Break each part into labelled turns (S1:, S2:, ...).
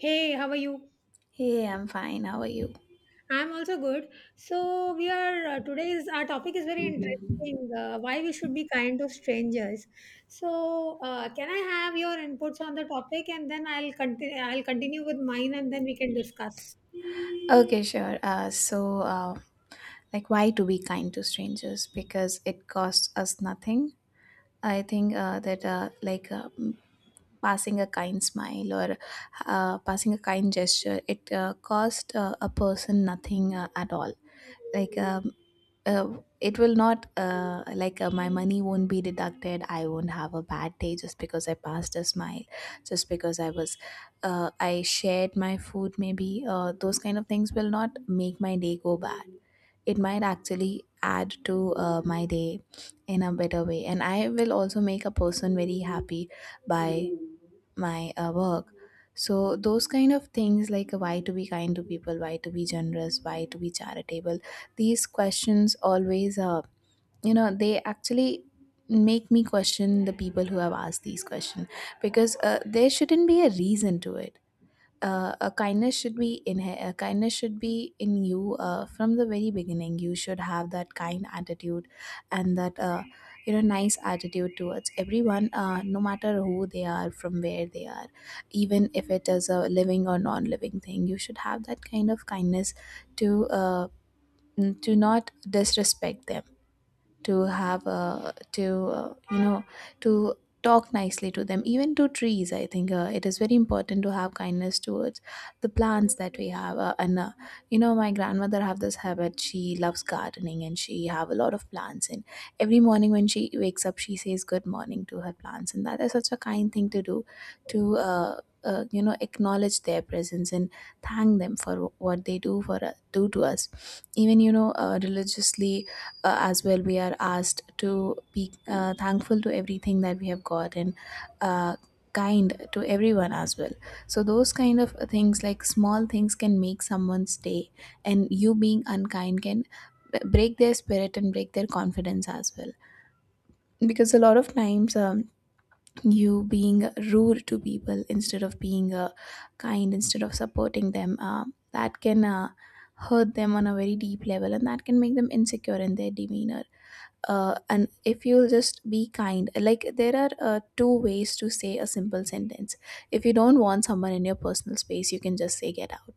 S1: Hey, how are you?
S2: Hey, I'm fine. How are you?
S1: I'm also good. So we are today's our topic is very interesting. Why we should be kind to strangers. So can I have your inputs on the topic, and then I'll continue with mine, and then we can discuss.
S2: Okay, sure. So, like, why to be kind to strangers? Because it costs us nothing. I think that, like, passing a kind smile, or passing a kind gesture, it cost a person nothing at all. Like, uh, it will not like, my money won't be deducted. I won't have a bad day just because I passed a smile, just because I was, I shared my food. Maybe those kind of things will not make my day go bad. It might actually add to my day in a better way, and I will also make a person very happy by my work. So those kind of things, like why to be kind to people, why to be generous, why to be charitable, these questions always they actually make me question the people who have asked these questions, because there shouldn't be a reason to it. A kindness should be in you from the very beginning. You should have that kind attitude, and that, nice attitude towards everyone, no matter who they are, from where they are. Even if it is a living or non-living thing, you should have that kind of kindness, to uh, to not disrespect them, to have to you know to talk nicely to them, even to trees. I think it is very important to have kindness towards the plants that we have. And you know My grandmother have this habit, she loves gardening, and she have a lot of plants, and every morning when she wakes up she says good morning to her plants, and that is such a kind thing to do, to acknowledge their presence and thank them for what they do to us. Even religiously as well, we are asked to be thankful to everything that we have got, and uh, kind to everyone as well. So those kind of things, like small things can make someone's day, and you being unkind can break their spirit and break their confidence as well, because a lot of times, you being rude to people instead of being kind, instead of supporting them, that can hurt them on a very deep level, and that can make them insecure in their demeanor. And if you'll just be kind, like there are two ways to say a simple sentence. If you don't want someone in your personal space, you can just say, get out.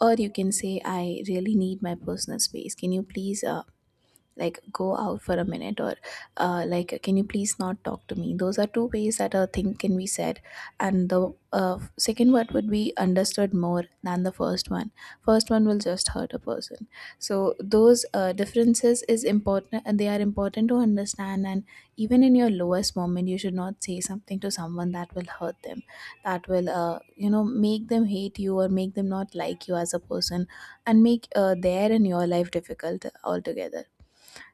S2: Or you can say, I really need my personal space, can you please like go out for a minute, or like can you please not talk to me. Those are two ways that a thing can be said, and the second one would be understood more than the first one. First one will just hurt a person. So those differences is important, and they are important to understand. And even in your lowest moment, you should not say something to someone that will hurt them, that will make them hate you, or make them not like you as a person, and make their and your life difficult altogether.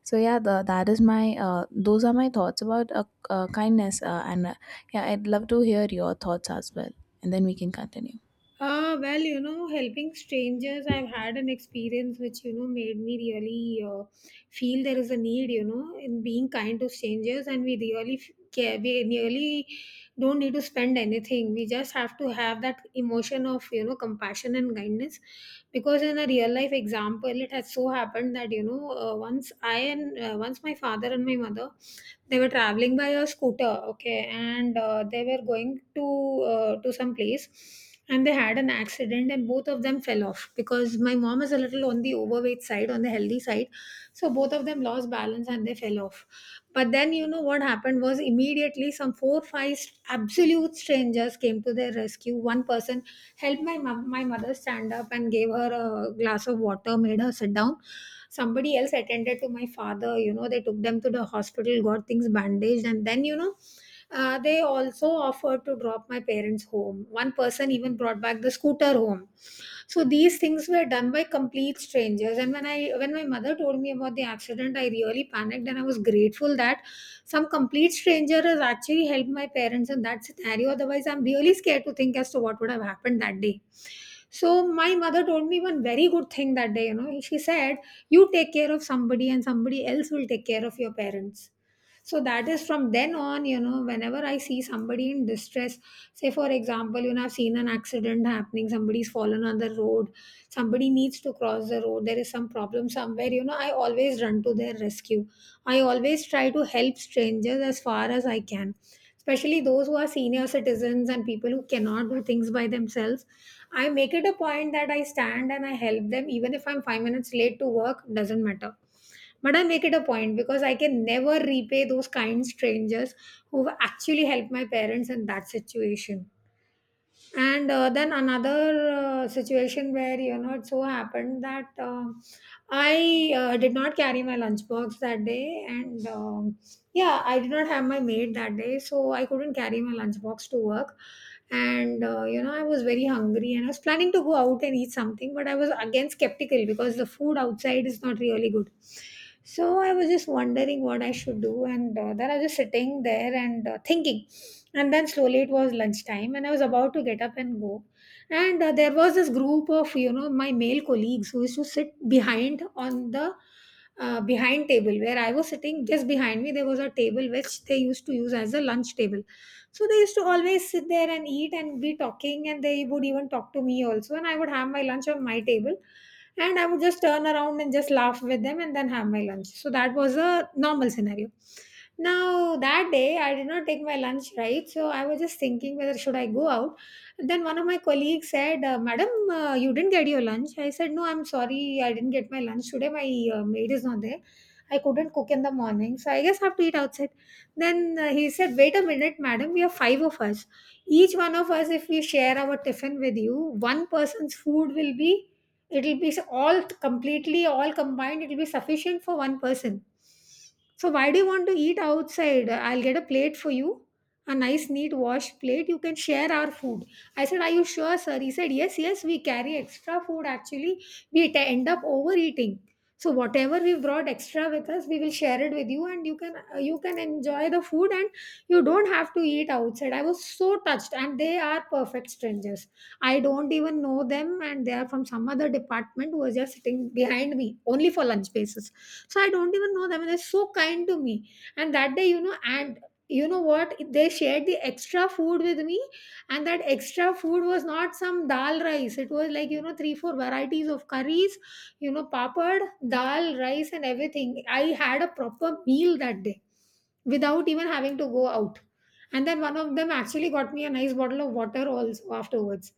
S2: So yeah, the, that is my those are my thoughts about kindness, and yeah, I'd love to hear your thoughts as well, and then we can continue.
S1: Well, you know, helping strangers, I've had an experience which, made me really feel there is a need, in being kind to strangers, and we really care, we really don't need to spend anything. We just have to have that emotion of, compassion and kindness. Because in a real life example, it has so happened that, once my father and my mother, they were traveling by a scooter, okay, and they were going to to some place, and they had an accident, and both of them fell off. Because my mom is a little on the overweight side, on the healthy side, so both of them lost balance and they fell off. But then you know what happened was, immediately some four five absolute strangers came to their rescue. One person helped my mom, my mother, stand up and gave her a glass of water, made her sit down. Somebody else attended to my father. They took them to the hospital, got things bandaged, and then they also offered to drop my parents home. One person even brought back the scooter home. So these things were done by complete strangers, and when I when my mother told me about the accident, I really panicked, and I was grateful that some complete stranger has actually helped my parents in that scenario. Otherwise, I'm really scared to think as to what would have happened that day. So my mother told me one very good thing that day. She said, you take care of somebody and somebody else will take care of your parents. So that is, from then on, whenever I see somebody in distress, say for example, I've seen an accident happening, somebody's fallen on the road, somebody needs to cross the road, there is some problem somewhere, I always run to their rescue. I always try to help strangers as far as I can, especially those who are senior citizens and people who cannot do things by themselves. I make it a point that I stand and I help them. Even if I'm 5 minutes late to work, doesn't matter, but I make it a point, because I can never repay those kind strangers who actually helped my parents in that situation. And then another situation where, it so happened that I did not carry my lunchbox that day, and yeah, I did not have my maid that day, so I couldn't carry my lunchbox to work. And I was very hungry and I was planning to go out and eat something, but I was again skeptical because the food outside is not really good. So I was just wondering what I should do, and then I was just sitting there and thinking. And then slowly it was lunchtime and I was about to get up and go. And there was this group of my male colleagues who used to sit behind on the behind table where I was sitting. Just behind me there was a table which they used to use as a lunch table. So they used to always sit there and eat and be talking, and they would even talk to me also, and I would have my lunch on my table and I would just turn around and just laugh with them and then have my lunch. So that was a normal scenario. Now that day I did not take my lunch, right? So I was just thinking whether should I go out. Then one of my colleagues said, "Madam, you didn't get your lunch." I said, "No, I'm sorry, I didn't get my lunch today. My maid is not there. I couldn't cook in the morning, so I guess I have to eat outside." Then he said, "Wait a minute, madam. We are five of us. Each one of us, if we share our tiffin with you, one person's food will be." It'll be all completely all combined. It'll be sufficient for one person. So why do you want to eat outside? I'll get a plate for you, a nice neat wash plate. You can share our food. I said, "Are you sure, sir?" He said, "Yes, yes, we carry extra food actually. We end up overeating. So whatever we brought extra with us, we will share it with you and you can you can enjoy the food and you don't have to eat outside." I was so touched, and they are perfect strangers. I don't even know them, and they are from some other department who was just sitting behind me, only for lunch basis. So I don't even know them, and they're so kind to me. And that day, and you know what? They shared the extra food with me, and that extra food was not some dal rice. It was like three, four varieties of curries, papad, dal, rice, and everything. I had a proper meal that day without even having to go out. And then one of them actually got me a nice bottle of water also afterwards.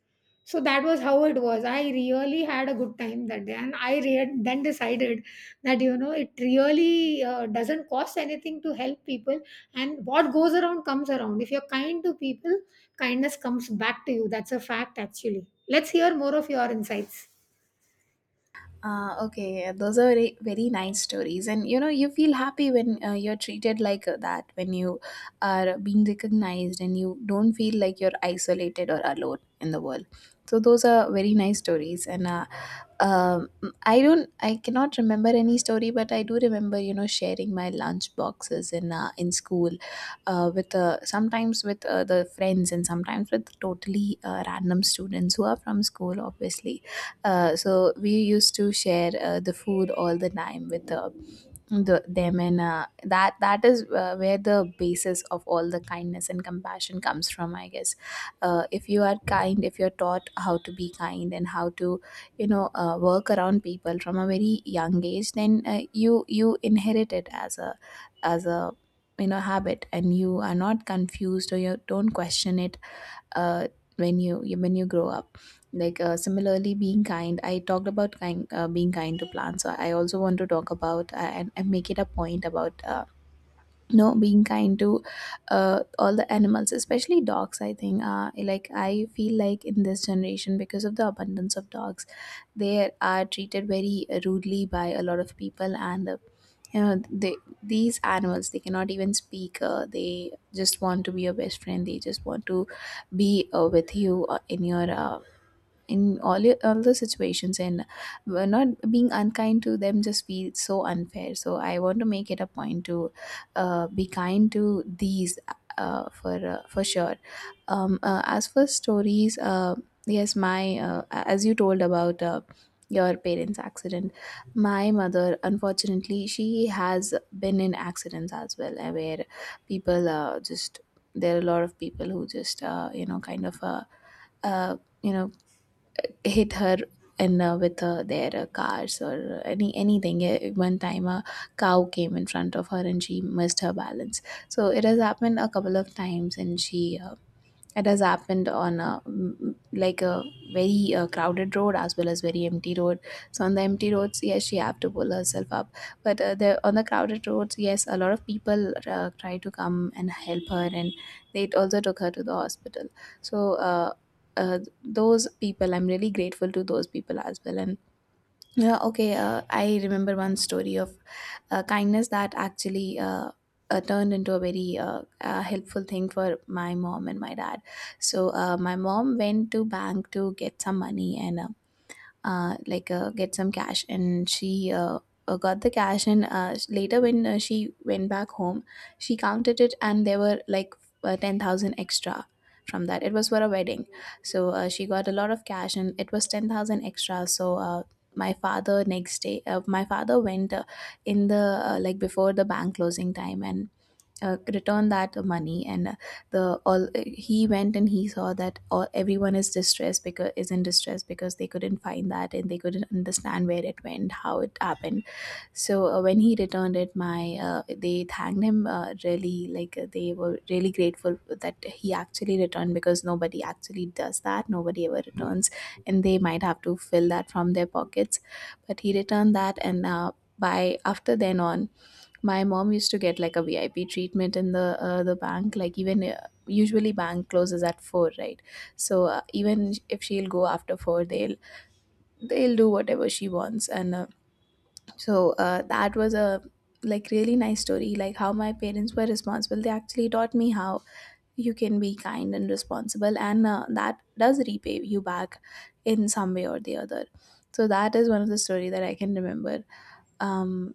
S1: So that was how it was. I really had a good time that day, and I then decided that it really doesn't cost anything to help people, and what goes around comes around. If you're kind to people, kindness comes back to you. That's a fact. Actually, let's hear more of your insights.
S2: Okay, those are very, very nice stories, and you know you feel happy when you're treated like that, when you are being recognized, and you don't feel like you're isolated or alone in the world. So those are very nice stories, and um I cannot remember any story, but I do remember, sharing my lunch boxes in in school, with sometimes with the friends, and sometimes with totally random students who are from school, obviously. So we used to share the food all the time with them, and that is where the basis of all the kindness and compassion comes from, I guess. If you are kind, if you're taught how to be kind and how to work around people from a very young age, then you inherit it as a habit, and you are not confused, or you don't question it uh, when you grow up. Like similarly being kind, I talked about kind, being kind to plants, so I also want to talk about, and make it a point about no being kind to all the animals, especially dogs. I think like I feel like in this generation, because of the abundance of dogs, they are treated very rudely by a lot of people, and they, these animals, they cannot even speak. They just want to be your best friend, they just want to be with you in all the situations, and we're not being unkind to them just feels so unfair. So I want to make it a point to be kind to these, for sure. As for stories, yes, my, as you told about your parents accident, my mother, unfortunately, she has been in accidents as well, where people, just there are a lot of people who just you know kind of uh, you know hit her in, with their cars, or anything. One time a cow came in front of her and she missed her balance. So it has happened a couple of times, and she it has happened on a, like a very crowded road, as well as very empty road. So on the empty roads, yes, she have to pull herself up. But the on the crowded roads, yes, a lot of people try to come and help her, and they also took her to the hospital. So. Those people, I'm really grateful to those people as well, and yeah, okay. I remember one story of kindness that actually turned into a very helpful thing for my mom and my dad. So my mom went to bank to get some money, and like get some cash, and she got the cash, and later when she went back home, she counted it, and there were like 10,000 extra from that. It was for a wedding. So she got a lot of cash, and it was 10,000 extra. So my father, next day, my father went in the like before the bank closing time, and return that money, and the all he went, and he saw that all everyone is distressed, because is in distress, because they couldn't find that, and they couldn't understand where it went, how it happened. So when he returned it, my they thanked him really, like they were really grateful that he actually returned, because nobody actually does that, nobody ever returns, and they might have to fill that from their pockets. But he returned that, and by after then on, my mom used to get like a VIP treatment in the bank. Like, even usually bank closes at four, right? So even if she'll go after four, they'll do whatever she wants. And that was a like really nice story. Like how my parents were responsible. They actually taught me how you can be kind and responsible, and that does repay you back in some way or the other. So that is one of the story that I can remember. Um,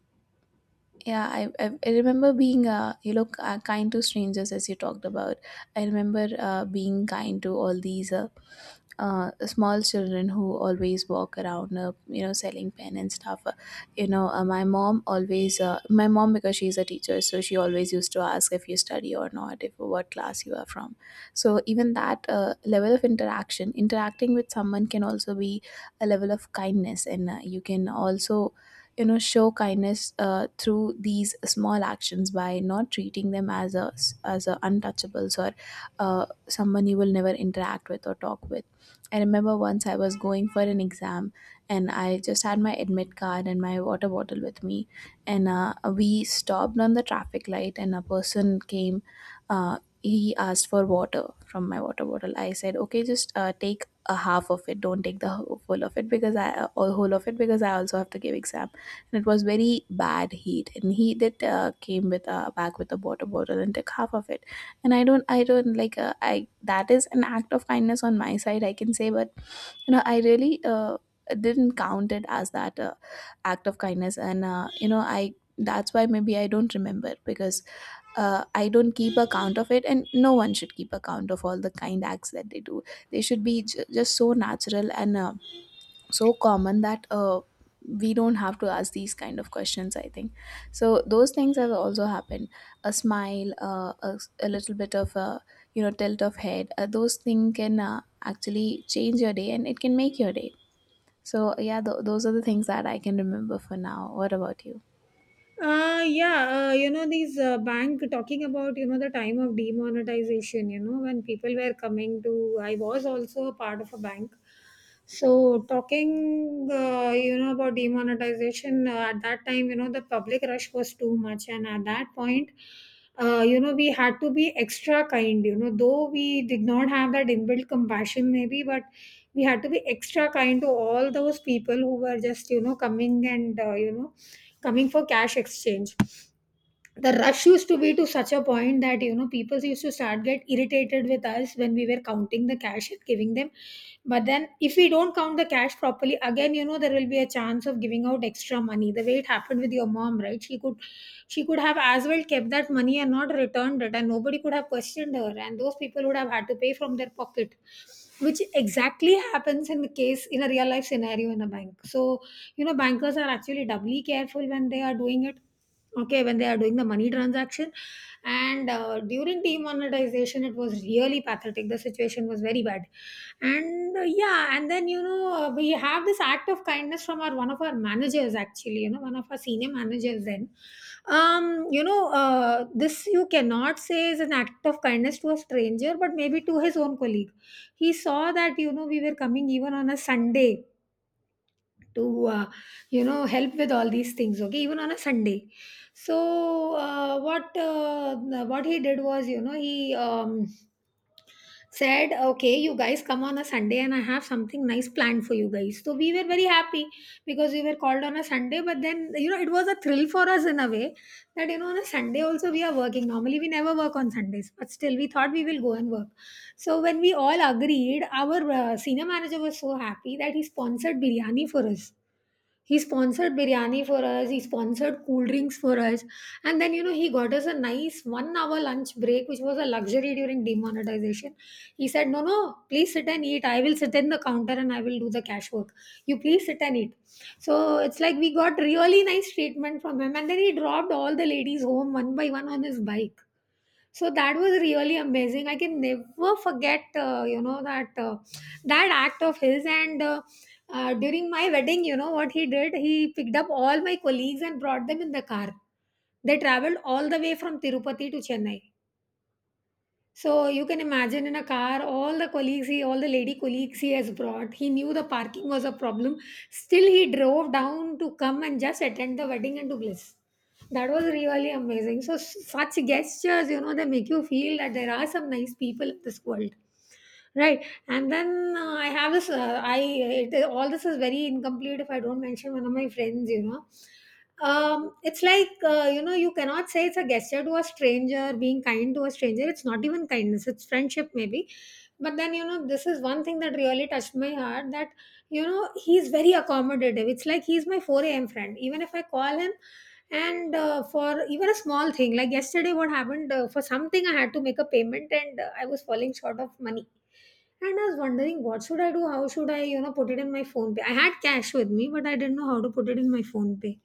S2: yeah, I remember being, kind to strangers as you talked about. I remember being kind to all these small children who always walk around, selling pen and stuff. My mom, because she's a teacher, so she always used to ask if you study or not, if what class you are from. So even that level of interaction, interacting with someone can also be a level of kindness, and you can also, you know, show kindness through these small actions by not treating them as a untouchables or someone you will never interact with or talk with. I remember once I was going for an exam, and I just had my admit card and my water bottle with me. And We stopped on the traffic light and a person came. He asked for water from my water bottle. I said, okay, just take a half of it, don't take the whole of it, because I also have to give exam. And it was very bad heat, and he did came with a back with a water bottle and took half of it. And I don't like I, that is an act of kindness on my side, I can say, but you know, I really didn't count it as that act of kindness. And I, that's why maybe I don't remember, because I don't keep a count of it, and no one should keep a count of all the kind acts that they do. They should be just so natural, and so common that we don't have to ask these kind of questions, I think. So those things have also happened. A smile, a little bit of a, you know, tilt of head, those things can actually change your day and it can make your day. So yeah, those are the things that I can remember for now. What about you?
S1: Yeah, these bank, talking about, the time of demonetization, when people were coming to, I was also a part of a bank. So, talking, about demonetization, at that time, the public rush was too much. And at that point, we had to be extra kind, though we did not have that inbuilt compassion, maybe, but we had to be extra kind to all those people who were just, coming and, coming for cash exchange. The rush used to be to such a point that people used to start get irritated with us when we were counting the cash and giving them. But then if we don't count the cash properly, again, there will be a chance of giving out extra money, the way it happened with your mom, right? She could have as well kept that money and not returned it, and nobody could have questioned her, and those people would have had to pay from their pocket, which exactly happens in the case, in a real life scenario, in a bank. So bankers are actually doubly careful when they are doing it, okay, when they are doing the money transaction. And during demonetization it was really pathetic, the situation was very bad. And yeah, and then we have this act of kindness from our one of our managers, actually, one of our senior managers then. um this, you cannot say, is an act of kindness to a stranger, but maybe to his own colleague. He saw that we were coming even on a Sunday to uh, help with all these things, okay, even on a Sunday. So uh, what uh, what he did was, he said, okay, you guys come on a Sunday and I have something nice planned for you guys. So we were very happy because we were called on a Sunday, but then it was a thrill for us in a way that on a Sunday also we are working. Normally we never work on Sundays, but still we thought we will go and work. So when we all agreed, our senior manager was so happy that he sponsored biryani for us. He sponsored biryani for us. He sponsored cool drinks for us. And then, he got us a nice one hour lunch break, which was a luxury during demonetization. He said, "No, no, please sit and eat. I will sit in the counter and I will do the cash work. You please sit and eat." So it's like we got really nice treatment from him. And then he dropped all the ladies home one by one on his bike, so that was really amazing. I can never forget that that act of his. And During my wedding, you know what he did? He picked up all my colleagues and brought them in the car. They traveled all the way from Tirupati to Chennai. So you can imagine, in a car, all the colleagues, all the lady colleagues he has brought. He knew the parking was a problem. Still, he drove down to come and just attend the wedding and to bliss. That was really amazing. So such gestures, you know, they make you feel that there are some nice people in this world, right? And then I have this I it, all this is very incomplete if I don't mention one of my friends, you know. It's like, you know, you cannot say it's a gesture to a stranger. Being kind to a stranger, it's not even kindness, it's friendship maybe. But then, you know, this is one thing that really touched my heart, that, you know, he's very accommodative. It's like he's my 4 a.m. friend. Even if I call him, and for even a small thing, like yesterday what happened, for something I had to make a payment and I was falling short of money, and I was wondering, what should I do? How should I, you know, put it in my phone pay? I had cash with me, but I didn't know how to put it in my phone pay.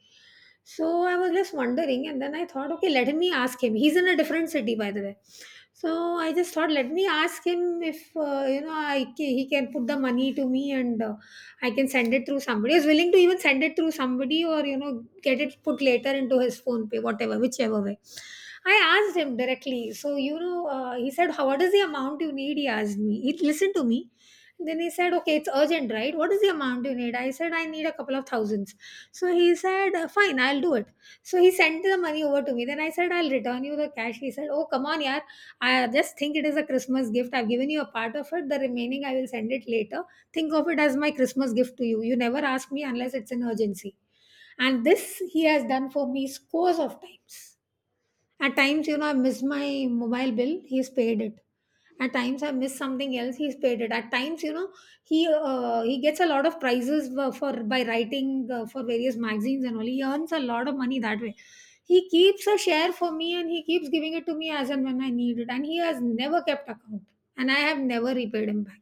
S1: So I was just wondering, and then I thought, okay, let me ask him. He's in a different city, by the way. So I just thought, let me ask him if, you know, he can put the money to me, and I can send it through somebody. I was willing to even send it through somebody or, you know, get it put later into his phone pay, whatever, whichever way. I asked him directly. So, you know, he said, how, what is the amount you need? He asked me. He listened to me. Then he said, okay, it's urgent, right? What is the amount you need? I said, I need a couple of thousands. So he said, fine, I'll do it. So he sent the money over to me. Then I said, I'll return you the cash. He said, oh, come on, yaar. I just think it is a Christmas gift. I've given you a part of it. The remaining I will send it later. Think of it as my Christmas gift to you. You never ask me unless it's an urgency. And this he has done for me scores of times. At times, you know, I miss my mobile bill, he's paid it. At times, I miss something else, he's paid it. At times, you know, he gets a lot of prizes for by writing for various magazines and all. He earns a lot of money that way. He keeps a share for me and he keeps giving it to me as and when I need it. And he has never kept account, and I have never repaid him back.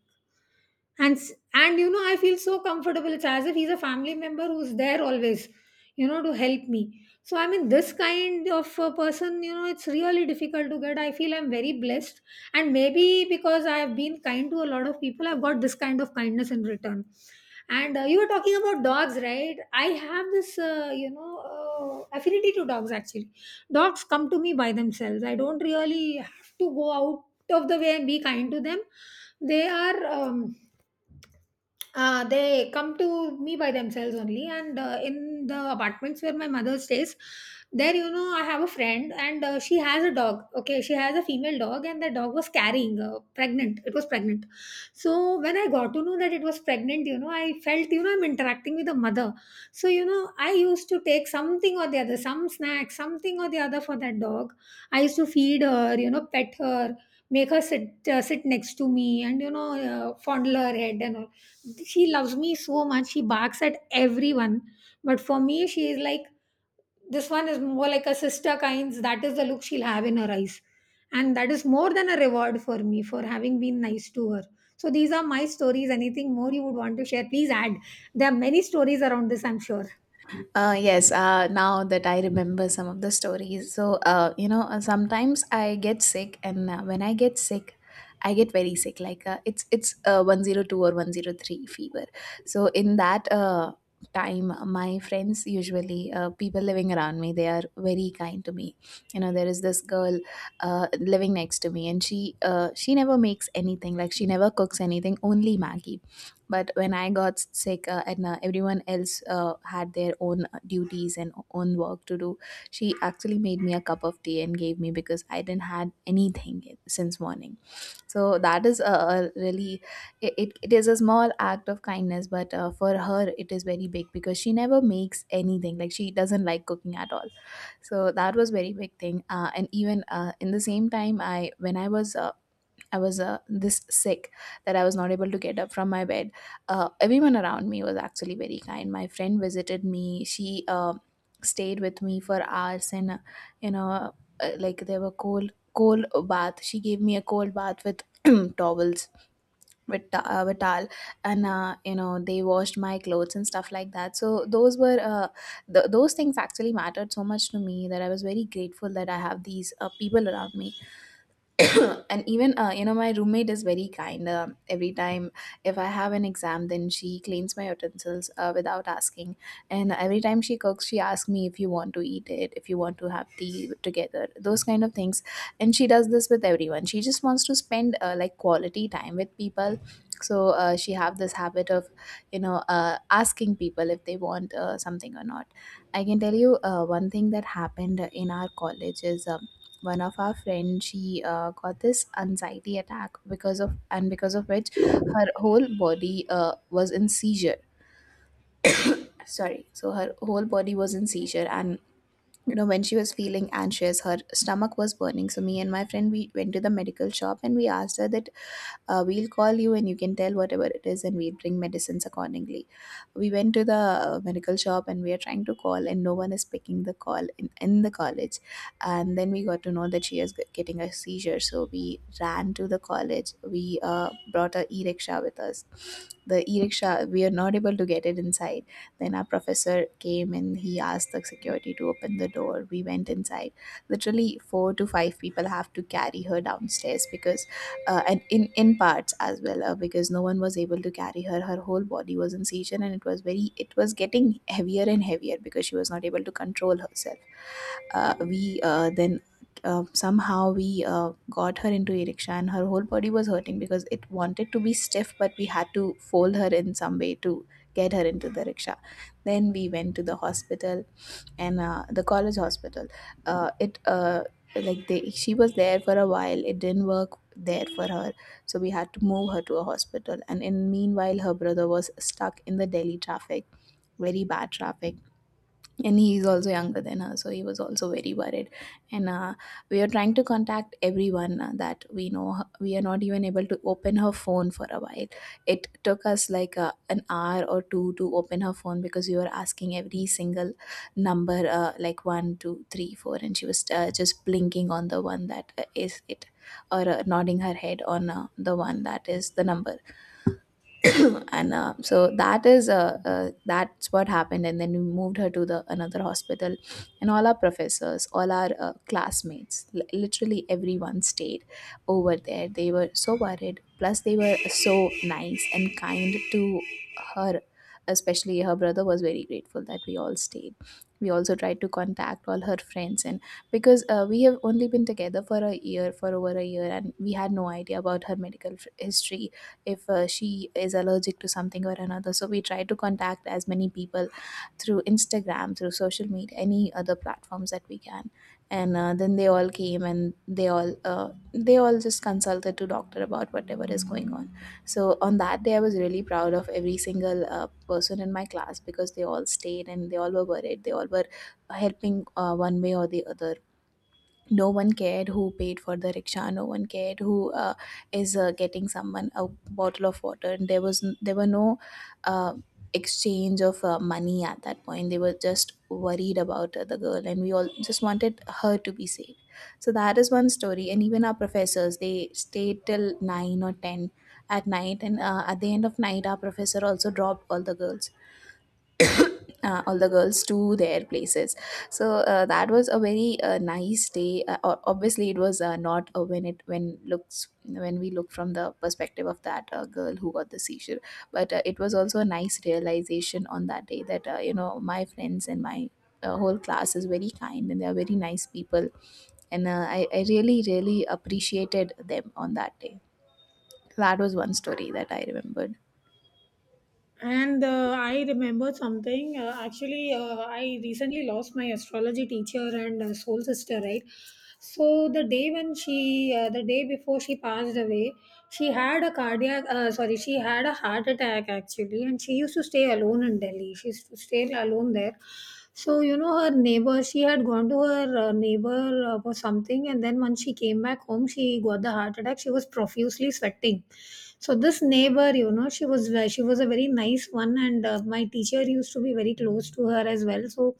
S1: And s- and you know, I feel so comfortable. It's as if he's a family member who's there always, you know, to help me. So I mean, this kind of a person, you know, it's really difficult to get. I feel I'm very blessed. And maybe because I have been kind to a lot of people, I've got this kind of kindness in return. And you were talking about dogs, right? I have this, you know, affinity to dogs actually. Dogs come to me by themselves. I don't really have to go out of the way and be kind to them. they are um, they come to me by themselves only. And In the apartments where my mother stays, there, you know, I have a friend, and she has a dog. Okay, she has a female dog, and the dog was carrying, pregnant, it was pregnant. So when I got to know that it was pregnant, you know, I felt, you know, I'm interacting with a mother. So, you know, I used to take something or the other, some snack, something or the other for that dog. I used to feed her, you know, pet her, make her sit, sit next to me, and, you know, fondle her head and all. She loves me so much. She barks at everyone, but for me, she is like, this one is more like a sister kinds. That is the look she'll have in her eyes. And that is more than a reward for me for having been nice to her. So these are my stories. Anything more you would want to share, please add. There are many stories around this, I'm sure.
S2: Yes, now that I remember some of the stories. So, sometimes I get sick, and when I get sick, I get very sick. Like it's 102 or 103 fever. So in that time, my friends, usually people living around me, they are very kind to me. You know, there is this girl living next to me, and she never makes anything. Like she never cooks anything, only Maggie. But when I got sick, and everyone else had their own duties and own work to do, she actually made me a cup of tea and gave me, because I didn't had anything since morning. So that is a really, it is a small act of kindness, but for her it is very big, because she never makes anything, like she doesn't like cooking at all. So that was very big thing. Uh, and even uh, in the same time I was this sick that I was not able to get up from my bed. Everyone around me was actually very kind. My friend visited me. She stayed with me for hours, and you know, like there were cold bath. She gave me a cold bath with towels with with towel, and, you know, they washed my clothes and stuff like that. So those were those things actually mattered so much to me that I was very grateful that I have these people around me. And even my roommate is very kind. Every time if I have an exam, then she cleans my utensils without asking. And every time she cooks, she asks me if you want to eat it, if you want to have tea together, those kind of things. And she does this with everyone. She just wants to spend like quality time with people. So she have this habit of, you know, asking people if they want something or not. I can tell you one thing that happened in our college is, one of our friends, she got this anxiety attack because of, and because of which her whole body was in seizure. Sorry, so her whole body was in seizure, and you know, when she was feeling anxious, her stomach was burning. So me and my friend, we went to the medical shop, and we asked her that we'll call you and you can tell whatever it is and we'll bring medicines accordingly. We went to the medical shop, and we are trying to call, and no one is picking the call in the college. And then we got to know that she is getting a seizure. So we ran to the college. We brought a e-rickshaw with us. The e-rickshaw we are not able to get it inside. Then our professor came and he asked the security to open the door. We went inside. Literally four to five people have to carry her downstairs because and in parts as well, because no one was able to carry her. Her whole body was in seizure and it was very, it was getting heavier and heavier because she was not able to control herself. We Then, somehow we got her into eriksha, and her whole body was hurting because it wanted to be stiff, but we had to fold her in some way to get her into the rickshaw. Then we went to the hospital, and the college hospital, it like they, she was there for a while. It didn't work there for her, so we had to move her to a hospital. And in meanwhile, her brother was stuck in the Delhi traffic, very bad traffic. And he's also younger than her, so he was also very worried. And we are trying to contact everyone that we know. We are not even able to open her phone for a while. It took us like an hour or two to open her phone, because we were asking every single number, like 1 2 3 4, and she was just blinking on the one that is it, or nodding her head on the one that is the number. and So that is that's what happened. And then we moved her to the another hospital, and all our professors, all our classmates, literally everyone stayed over there. They were so worried, plus they were so nice and kind to her. Especially her brother was very grateful that we all stayed. We also tried to contact all her friends, and because we have only been together for a year, for over a year, and we had no idea about her medical history, if she is allergic to something or another. So we try to contact as many people through Instagram, through social media, any other platforms that we can. And then they all came and they all they all just consulted to doctor about whatever is going on. So on that day, I was really proud of every single person in my class, because they all stayed and they all were worried. They all were helping one way or the other. No one cared who paid for the rickshaw, no one cared who is getting someone a bottle of water, and there was there were no uh, exchange of money at that point. They were just worried about the girl, and we all just wanted her to be safe. So that is one story. And even our professors, they stayed till 9 or 10 at night. And at the end of night, our professor also dropped all the girls, all the girls to their places. So that was a very nice day. Obviously it was not when we look from the perspective of that girl who got the seizure, but it was also a nice realization on that day that, you know, my friends and my whole class is very kind and they are very nice people. And I really really appreciated them on that day. That was one story that I remembered.
S1: And I remembered something. Actually, I recently lost my astrology teacher and soul sister, right? So the day when she, the day before she passed away, she had a she had a heart attack actually, and she used to stay alone in Delhi. She used to stay alone there. So, you know, her neighbor, she had gone to her neighbor for something, and then when she came back home, she got the heart attack. She was profusely sweating. So this neighbor, you know, she was a very nice one, and my teacher used to be very close to her as well. So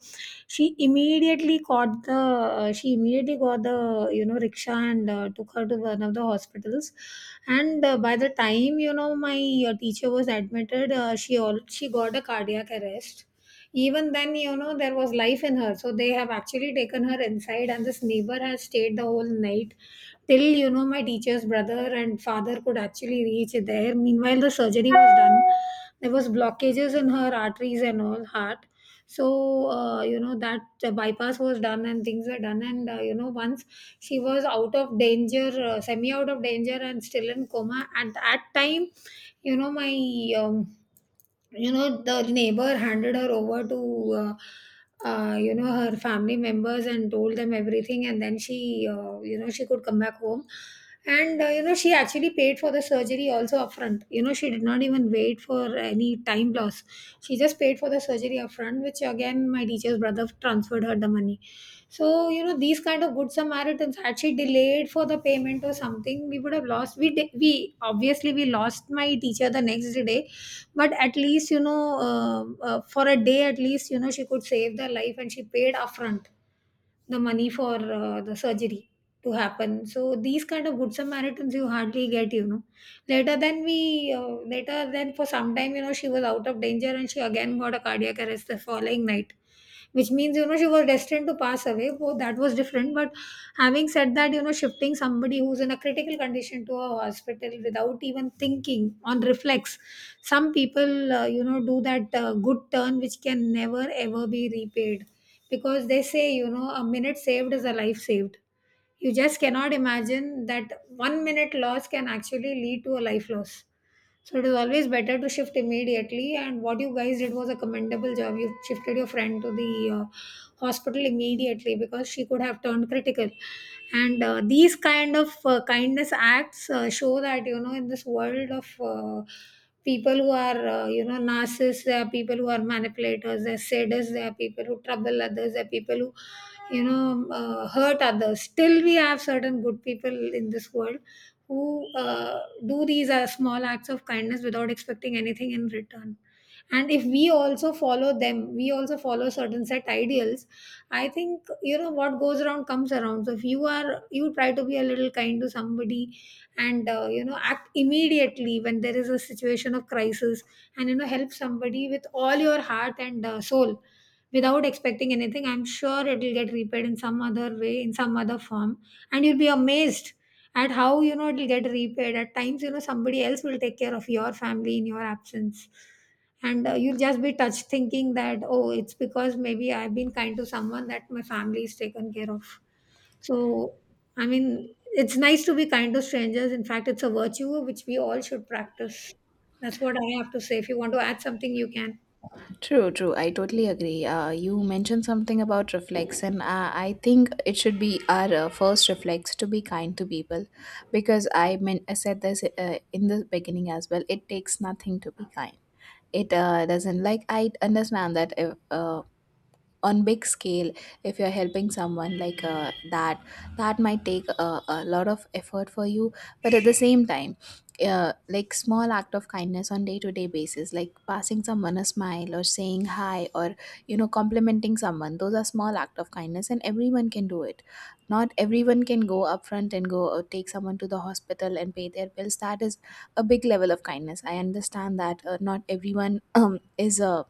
S1: she immediately got the, you know, rickshaw and took her to one of the hospitals. And by the time, you know, my teacher was admitted, she got a cardiac arrest. Even then, you know, there was life in her, so they have actually taken her inside, and this neighbor has stayed the whole night till, you know, my teacher's brother and father could actually reach there. Meanwhile, the surgery was done. There was blockages in her arteries and all heart. So you know, that the bypass was done and things were done. And you know, once she was out of danger, semi out of danger and still in coma at that time, you know, my you know, the neighbor handed her over to you know, her family members, and told them everything, and then she, you know, she could come back home. And you know, she actually paid for the surgery also upfront, you know. She did not even wait for any time loss. She just paid for the surgery upfront, which again my teacher's brother transferred her the money. So, you know, these kind of good Samaritans. Had she delayed for the payment or something, we would have lost. We obviously we lost my teacher the next day. But at least, you know, for a day at least, you know, she could save their life, and she paid upfront the money for the surgery to happen. So these kind of good Samaritans you hardly get, you know. Later then, for some time, you know, she was out of danger, and she again got a cardiac arrest the following night, which means, you know, she was destined to pass away. Oh, that was different. But having said that, you know, shifting somebody who's in a critical condition to a hospital without even thinking, on reflex, some people, you know, do that good turn, which can never ever be repaid, because they say, you know, a minute saved is a life saved. You just cannot imagine that one minute loss can actually lead to a life loss. So it is always better to shift immediately. And what you guys did was a commendable job. You shifted your friend to the hospital immediately, because she could have turned critical. And these kind of kindness acts show that, you know, in this world of people who are, you know, narcissists, there are people who are manipulators, there are sadists, there are people who trouble others, there are people who, you know, hurt others. Still, we have certain good people in this world who do these small acts of kindness without expecting anything in return. And if we also follow them, we also follow certain set ideals. I think, you know, what goes around comes around. So if you are, you try to be a little kind to somebody, and you know, act immediately when there is a situation of crisis, and, you know, help somebody with all your heart and soul, without expecting anything, I'm sure it will get repaid in some other way, in some other form. And you'll be amazed, and how, you know, it'll get repaid. At times, you know, somebody else will take care of your family in your absence, and you'll just be touched, thinking that, oh, it's because maybe I've been kind to someone that my family is taken care of. So I mean, it's nice to be kind to strangers. In fact, it's a virtue which we all should practice. That's what I have to say. If you want to add something, you can.
S2: True, true. I totally agree. You mentioned something about reflex, and I think it should be our first reflex to be kind to people, because, I mean, I said this in the beginning as well. It takes nothing to be kind. It doesn't, like, I understand that if, on big scale, if you're helping someone like that, that might take a lot of effort for you. But at the same time, like small act of kindness on day to day basis, like passing someone a smile or saying hi, or, you know, complimenting someone, those are small act of kindness and everyone can do it. Not everyone can go upfront and go take someone to the hospital and pay their bills. That is a big level of kindness. I understand that not everyone, is a,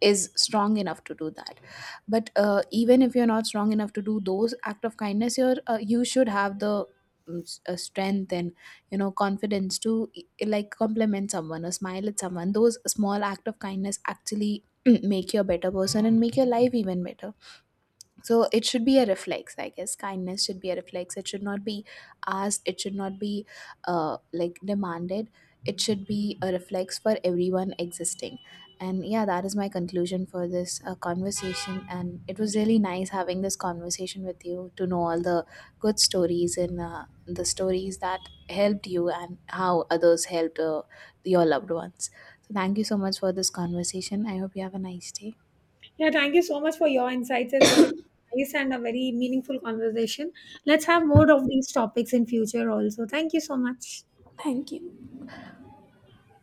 S2: is strong enough to do that. But even if you're not strong enough to do those act of kindness, you're you should have the strength and, you know, confidence to like compliment someone or smile at someone. Those small act of kindness actually make you a better person and make your life even better. So it should be a reflex, I guess. Kindness should be a reflex. It should not be asked. It should not be like demanded. It should be a reflex for everyone existing. And yeah, that is my conclusion for this conversation. And it was really nice having this conversation with you, to know all the good stories, and the stories that helped you and how others helped your loved ones. So thank you so much for this conversation. I hope you have a nice day.
S1: Yeah, thank you so much for your insights as well. It was nice and a very meaningful conversation. Let's have more of these topics in future also. Thank you so much.
S2: Thank you.